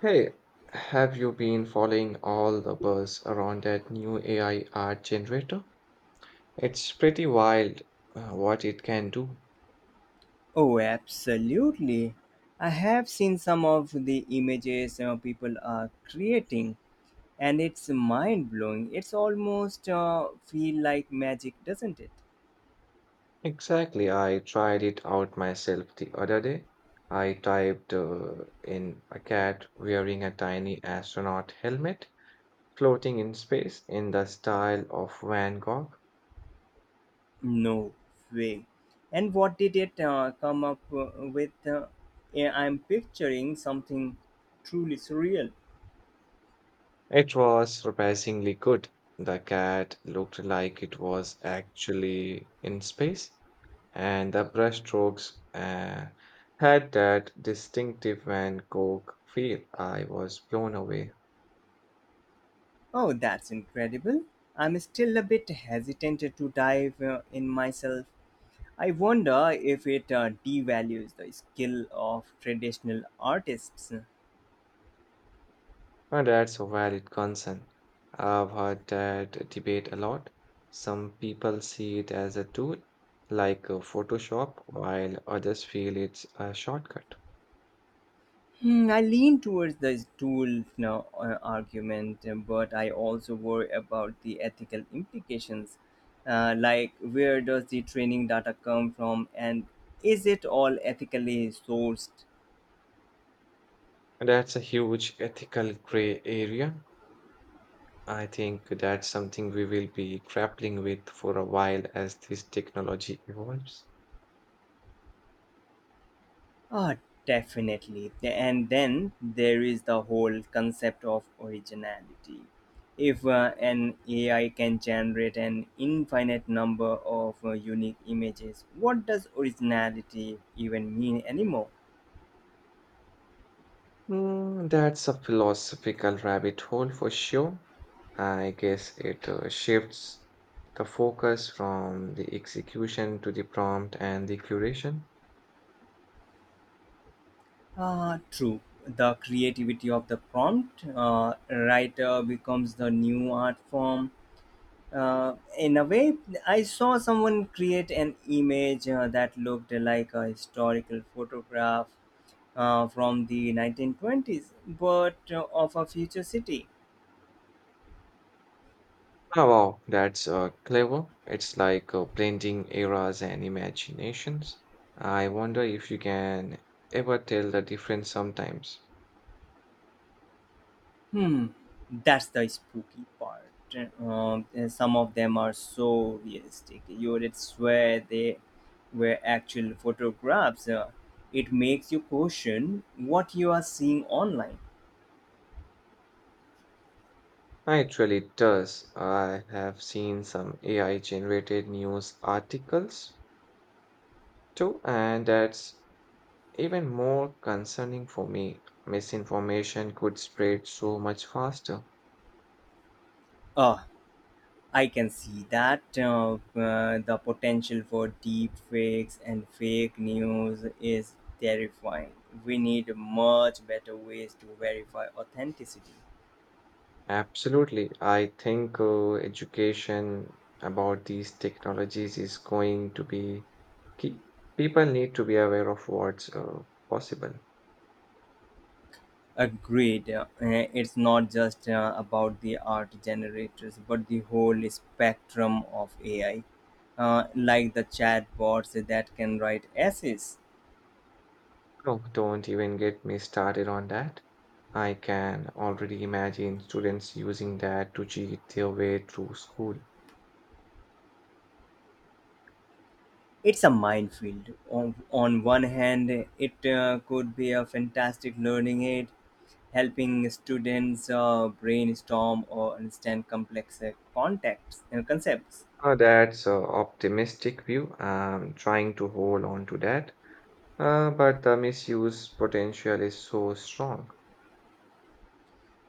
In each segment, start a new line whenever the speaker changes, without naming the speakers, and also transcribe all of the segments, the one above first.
Hey, have you been following all the buzz around that new AI art generator? It's pretty wild what it can do.
Oh, absolutely. I have seen some of the images people are creating, and it's mind blowing. It's almost feel like magic, doesn't it?
Exactly, I tried it out myself the other day. I typed in a cat wearing a tiny astronaut helmet floating in space in the style of Van Gogh.
No way. And what did it come up with? Yeah, I'm picturing something truly surreal.
It was surprisingly good. The cat looked like it was actually in space and the brushstrokes had that distinctive Van Gogh feel. I was blown away.
Oh, that's incredible. I'm still a bit hesitant to dive in myself. I wonder if it devalues the skill of traditional artists.
And that's a valid concern. I've heard that debate a lot. Some people see it as a tool, like Photoshop, while others feel it's a shortcut.
Hmm, I lean towards the tool now, argument, but I also worry about the ethical implications. Like, where does the training data come from, and is it all ethically sourced?
And that's a huge ethical gray area. I think that's something we will be grappling with for a while as this technology evolves.
Ah, definitely. And then there is the whole concept of originality. If an AI can generate an infinite number of unique images, what does originality even mean anymore?
Mm, that's a philosophical rabbit hole for sure. I guess it shifts the focus from the execution to the prompt and the curation.
Ah, true. The creativity of the prompt writer becomes the new art form. In a way, I saw someone create an image that looked like a historical photograph from the 1920s, but of a future city.
Oh, wow, that's clever. It's like blending eras and imaginations. I wonder if you can ever tell the difference sometimes.
Hmm, that's the spooky part. And some of them are so realistic. You would swear they were actual photographs. It makes you question what you are seeing online.
Ah, it really does. I have seen some AI generated news articles too, and that's even more concerning for me, misinformation could spread so much faster.
Ah, I can see that the potential for deep fakes and fake news is terrifying. We need much better ways to
Mm.
verify authenticity.
Absolutely. I think education about these technologies is going to be key. People need to be aware of what's possible.
Agreed. It's not just about the art generators, but the whole spectrum of AI, like the chatbots that can write essays.
No, don't even get me started on that. I can already imagine students using that to cheat their way through school.
It's a minefield. On one hand, it could be a fantastic learning aid, helping students brainstorm or understand complex contexts and concepts.
That's an optimistic view. I'm trying to hold on to that. But the misuse potential is so strong.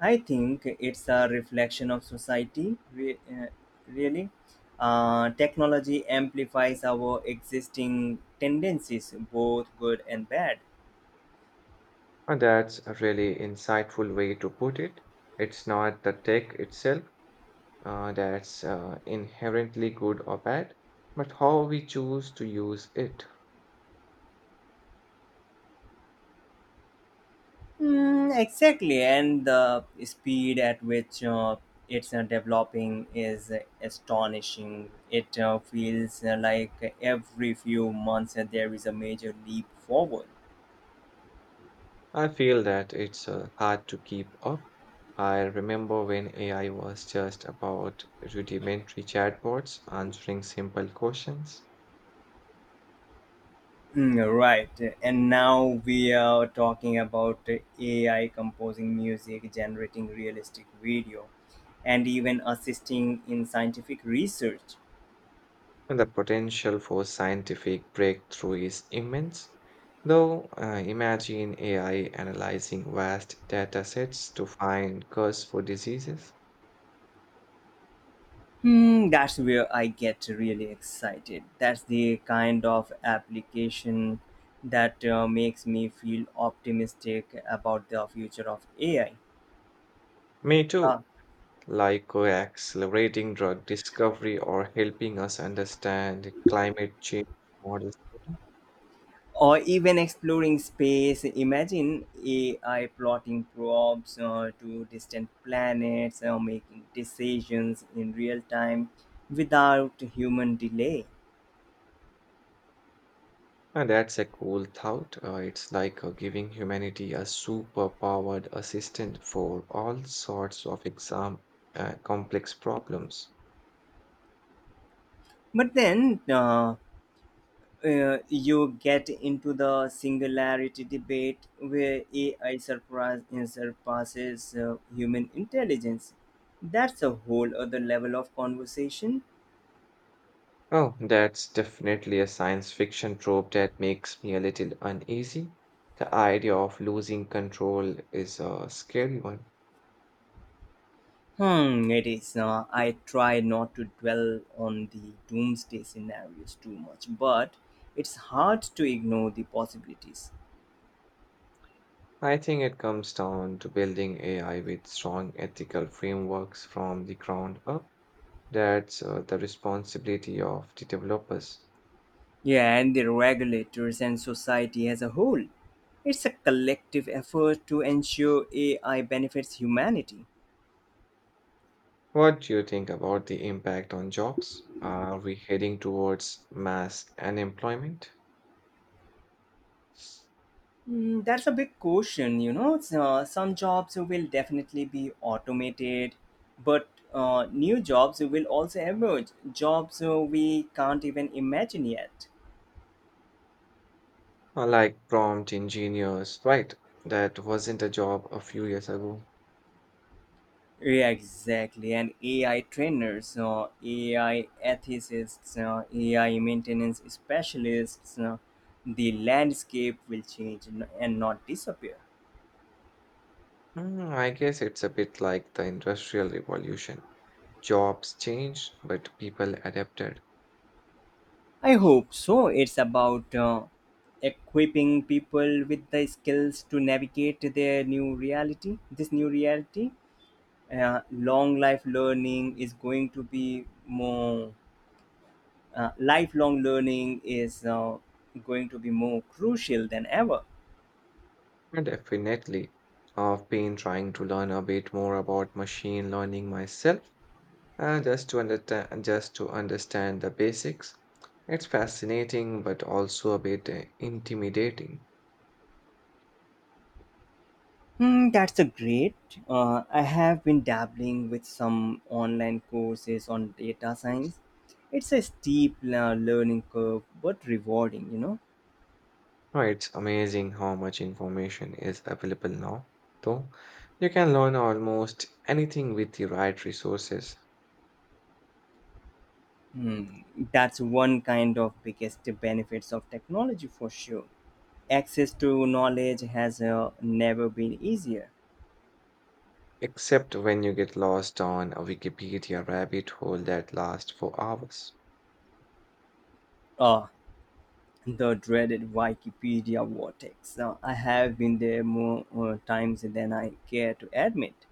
I think it's a reflection of society, really. Technology amplifies our existing tendencies, both good and bad.
And that's a really insightful way to put it. It's not the tech itself that's inherently good or bad, but how we choose to use it.
Mm, exactly, and the speed at which it's developing is astonishing. It feels like every few months there is a major leap forward.
I feel that it's hard to keep up. I remember when AI was just about rudimentary chatbots answering simple questions.
Mm, right. And now we are talking about AI composing music, generating realistic video, and even assisting in scientific research.
And the potential for scientific breakthrough is immense. Though, imagine AI analyzing vast data sets to find cause for diseases.
Hmm, that's where I get really excited. That's the kind of application that makes me feel optimistic about the future of AI.
Me too, like accelerating drug discovery or helping us understand climate change models better.
Or even exploring space. Imagine AI plotting probes to distant planets or making decisions in real time without human delay.
And that's a cool thought. It's like giving humanity a super powered assistant for all sorts of exam complex problems.
But then you get into the singularity debate where AI surpasses human intelligence. That's a whole other level of conversation.
Oh, that's definitely a science fiction trope that makes me a little uneasy. The idea of losing control is a scary one.
Hmm, it is. I try not to dwell on the doomsday scenarios too much, but it's hard to ignore the possibilities.
I think it comes down to building AI with strong ethical frameworks from the ground up. That's the responsibility of the developers.
Yeah, and the regulators and society as a whole. It's a collective effort to ensure AI benefits humanity.
What do you think about the impact on jobs? Are we heading towards mass unemployment?
Mm, that's a big question, you know. It's, some jobs will definitely be automated, but new jobs will also emerge, jobs we can't even imagine yet.
Like prompt engineers, right? That wasn't a job a few years ago.
Yeah, exactly. And AI trainers, AI ethicists, AI maintenance specialists, the landscape will change and not disappear.
Mm, I guess it's a bit like the Industrial Revolution. Jobs changed, but people adapted.
I hope so. It's about equipping people with the skills to navigate their new reality, this new reality. Long life learning is going to be more, lifelong learning is going to be more crucial than ever.
And definitely, I've been trying to learn a bit more about machine learning myself, just to understand the basics. It's fascinating, but also a bit intimidating.
Hmm, that's a great. I have been dabbling with some online courses on data science. It's a steep learning curve, but rewarding, you know.
Oh, it's amazing how much information is available now, though. You can learn almost anything with the right resources,
Hmm, that's one kind of biggest benefits of technology for sure. Access to knowledge has never been easier.
except when you get lost on a Wikipedia rabbit hole that lasts for hours.
Ah, the dreaded Wikipedia vortex. I have been there more times than I care to admit.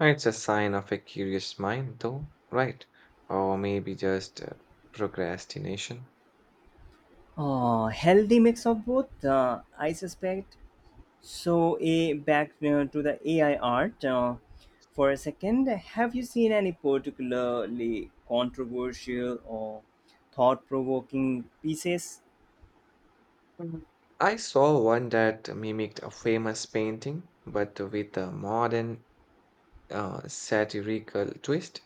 It's a sign of a curious mind, though, right? Or maybe just procrastination.
Oh, healthy mix of both, I suspect. So, a back to the AI art for a second. Have you seen any particularly controversial or thought-provoking pieces?
Mm. I saw one that mimicked a famous painting, but with a modern satirical twist.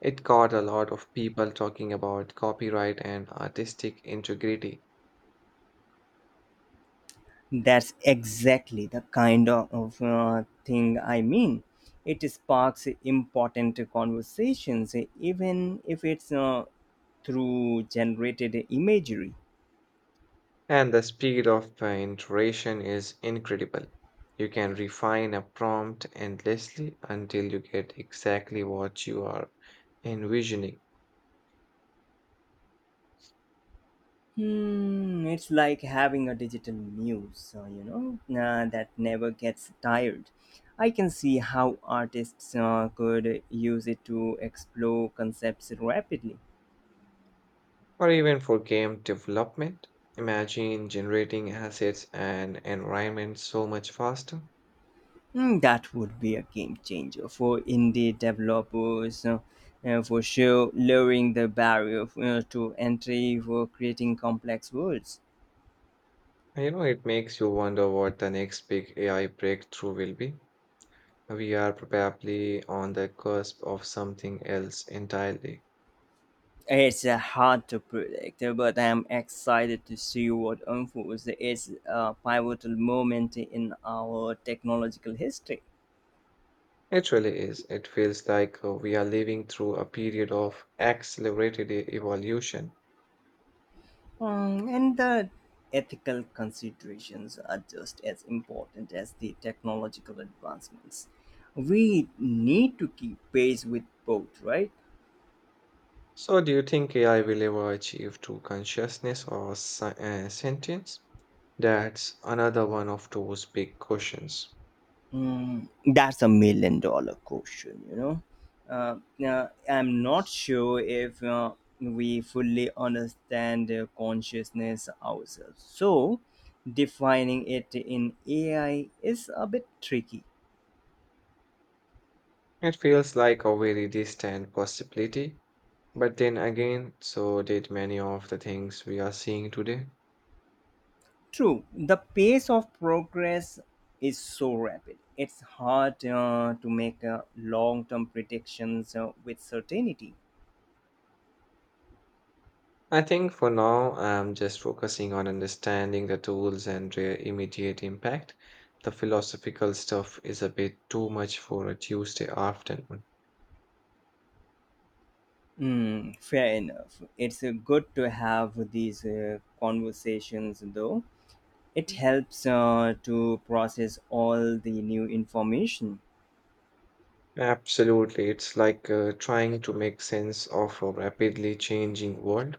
It got a lot of people talking about copyright and artistic integrity.
That's exactly the kind of thing I mean. It sparks important conversations, even if it's through generated imagery.
And the speed of iteration is incredible. You can refine a prompt endlessly until you get exactly what you are envisioning.
Hmm, it's like having a digital muse, you know, that never gets tired. I can see how artists could use it to explore concepts rapidly.
Or even for game development, imagine generating assets and environments so much faster.
Hmm, that would be a game changer for indie developers, for sure, lowering the barrier to entry for creating complex worlds.
You know, it makes you wonder what the next big AI breakthrough will be. We are probably on the cusp of something else entirely.
It's hard to predict, but I'm excited to see what unfolds. It's a pivotal moment in our technological history.
It really is. It feels like we are living through a period of accelerated evolution.
Mm, and the ethical considerations are just as important as the technological advancements. We need to keep pace with both, right?
So, do you think AI will ever achieve true consciousness or sentience? That's another one of those big questions.
Mm, that's a million-dollar question, you know. Uh, I'm not sure if we fully understand consciousness ourselves. So, defining it in AI is a bit tricky.
It feels like a very distant possibility, but then again, so did many of the things we are seeing today.
True, the pace of progress is so rapid. It's hard to make long term predictions with certainty.
I think for now, I'm just focusing on understanding the tools and their immediate impact. The philosophical stuff is a bit too much for a Tuesday afternoon.
Mm, fair enough. It's good to have these conversations, though. It
Mhm.
helps to process all the new information.
Absolutely. It's like trying to make sense of a rapidly changing world.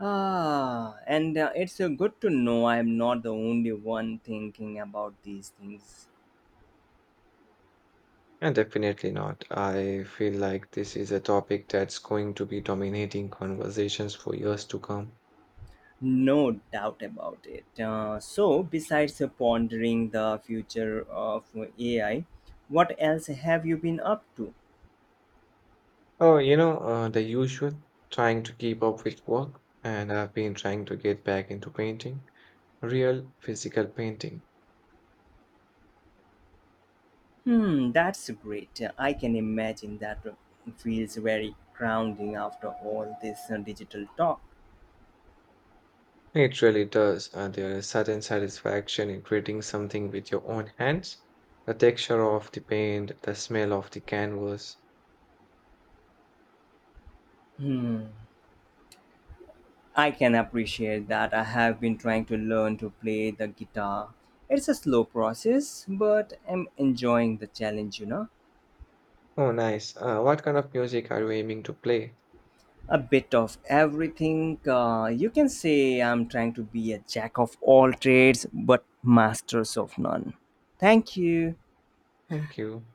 Ah, and it's good to know I'm not the only one thinking about these things.
And definitely not. I feel like this is a topic that's going to be dominating conversations for years to come.
No doubt about it. So, besides pondering the future of AI, what else have you been up to?
Oh, you know, the usual, trying to keep up with work, and I've been trying to get back into painting. Real physical painting.
Hmm, that's great. I can imagine that feels very grounding after all this digital talk.
It really does. There is certain satisfaction in creating something with your own hands. The texture of the paint, the smell of the canvas.
Hmm, I can appreciate that. I have been trying to learn to play the guitar. It's a slow process, but I'm enjoying the challenge, you know.
Oh, nice. What kind of music are you aiming to play?
A bit of everything. You can say I'm trying to be a jack of all trades, but masters of none. Thank you.
Thank you.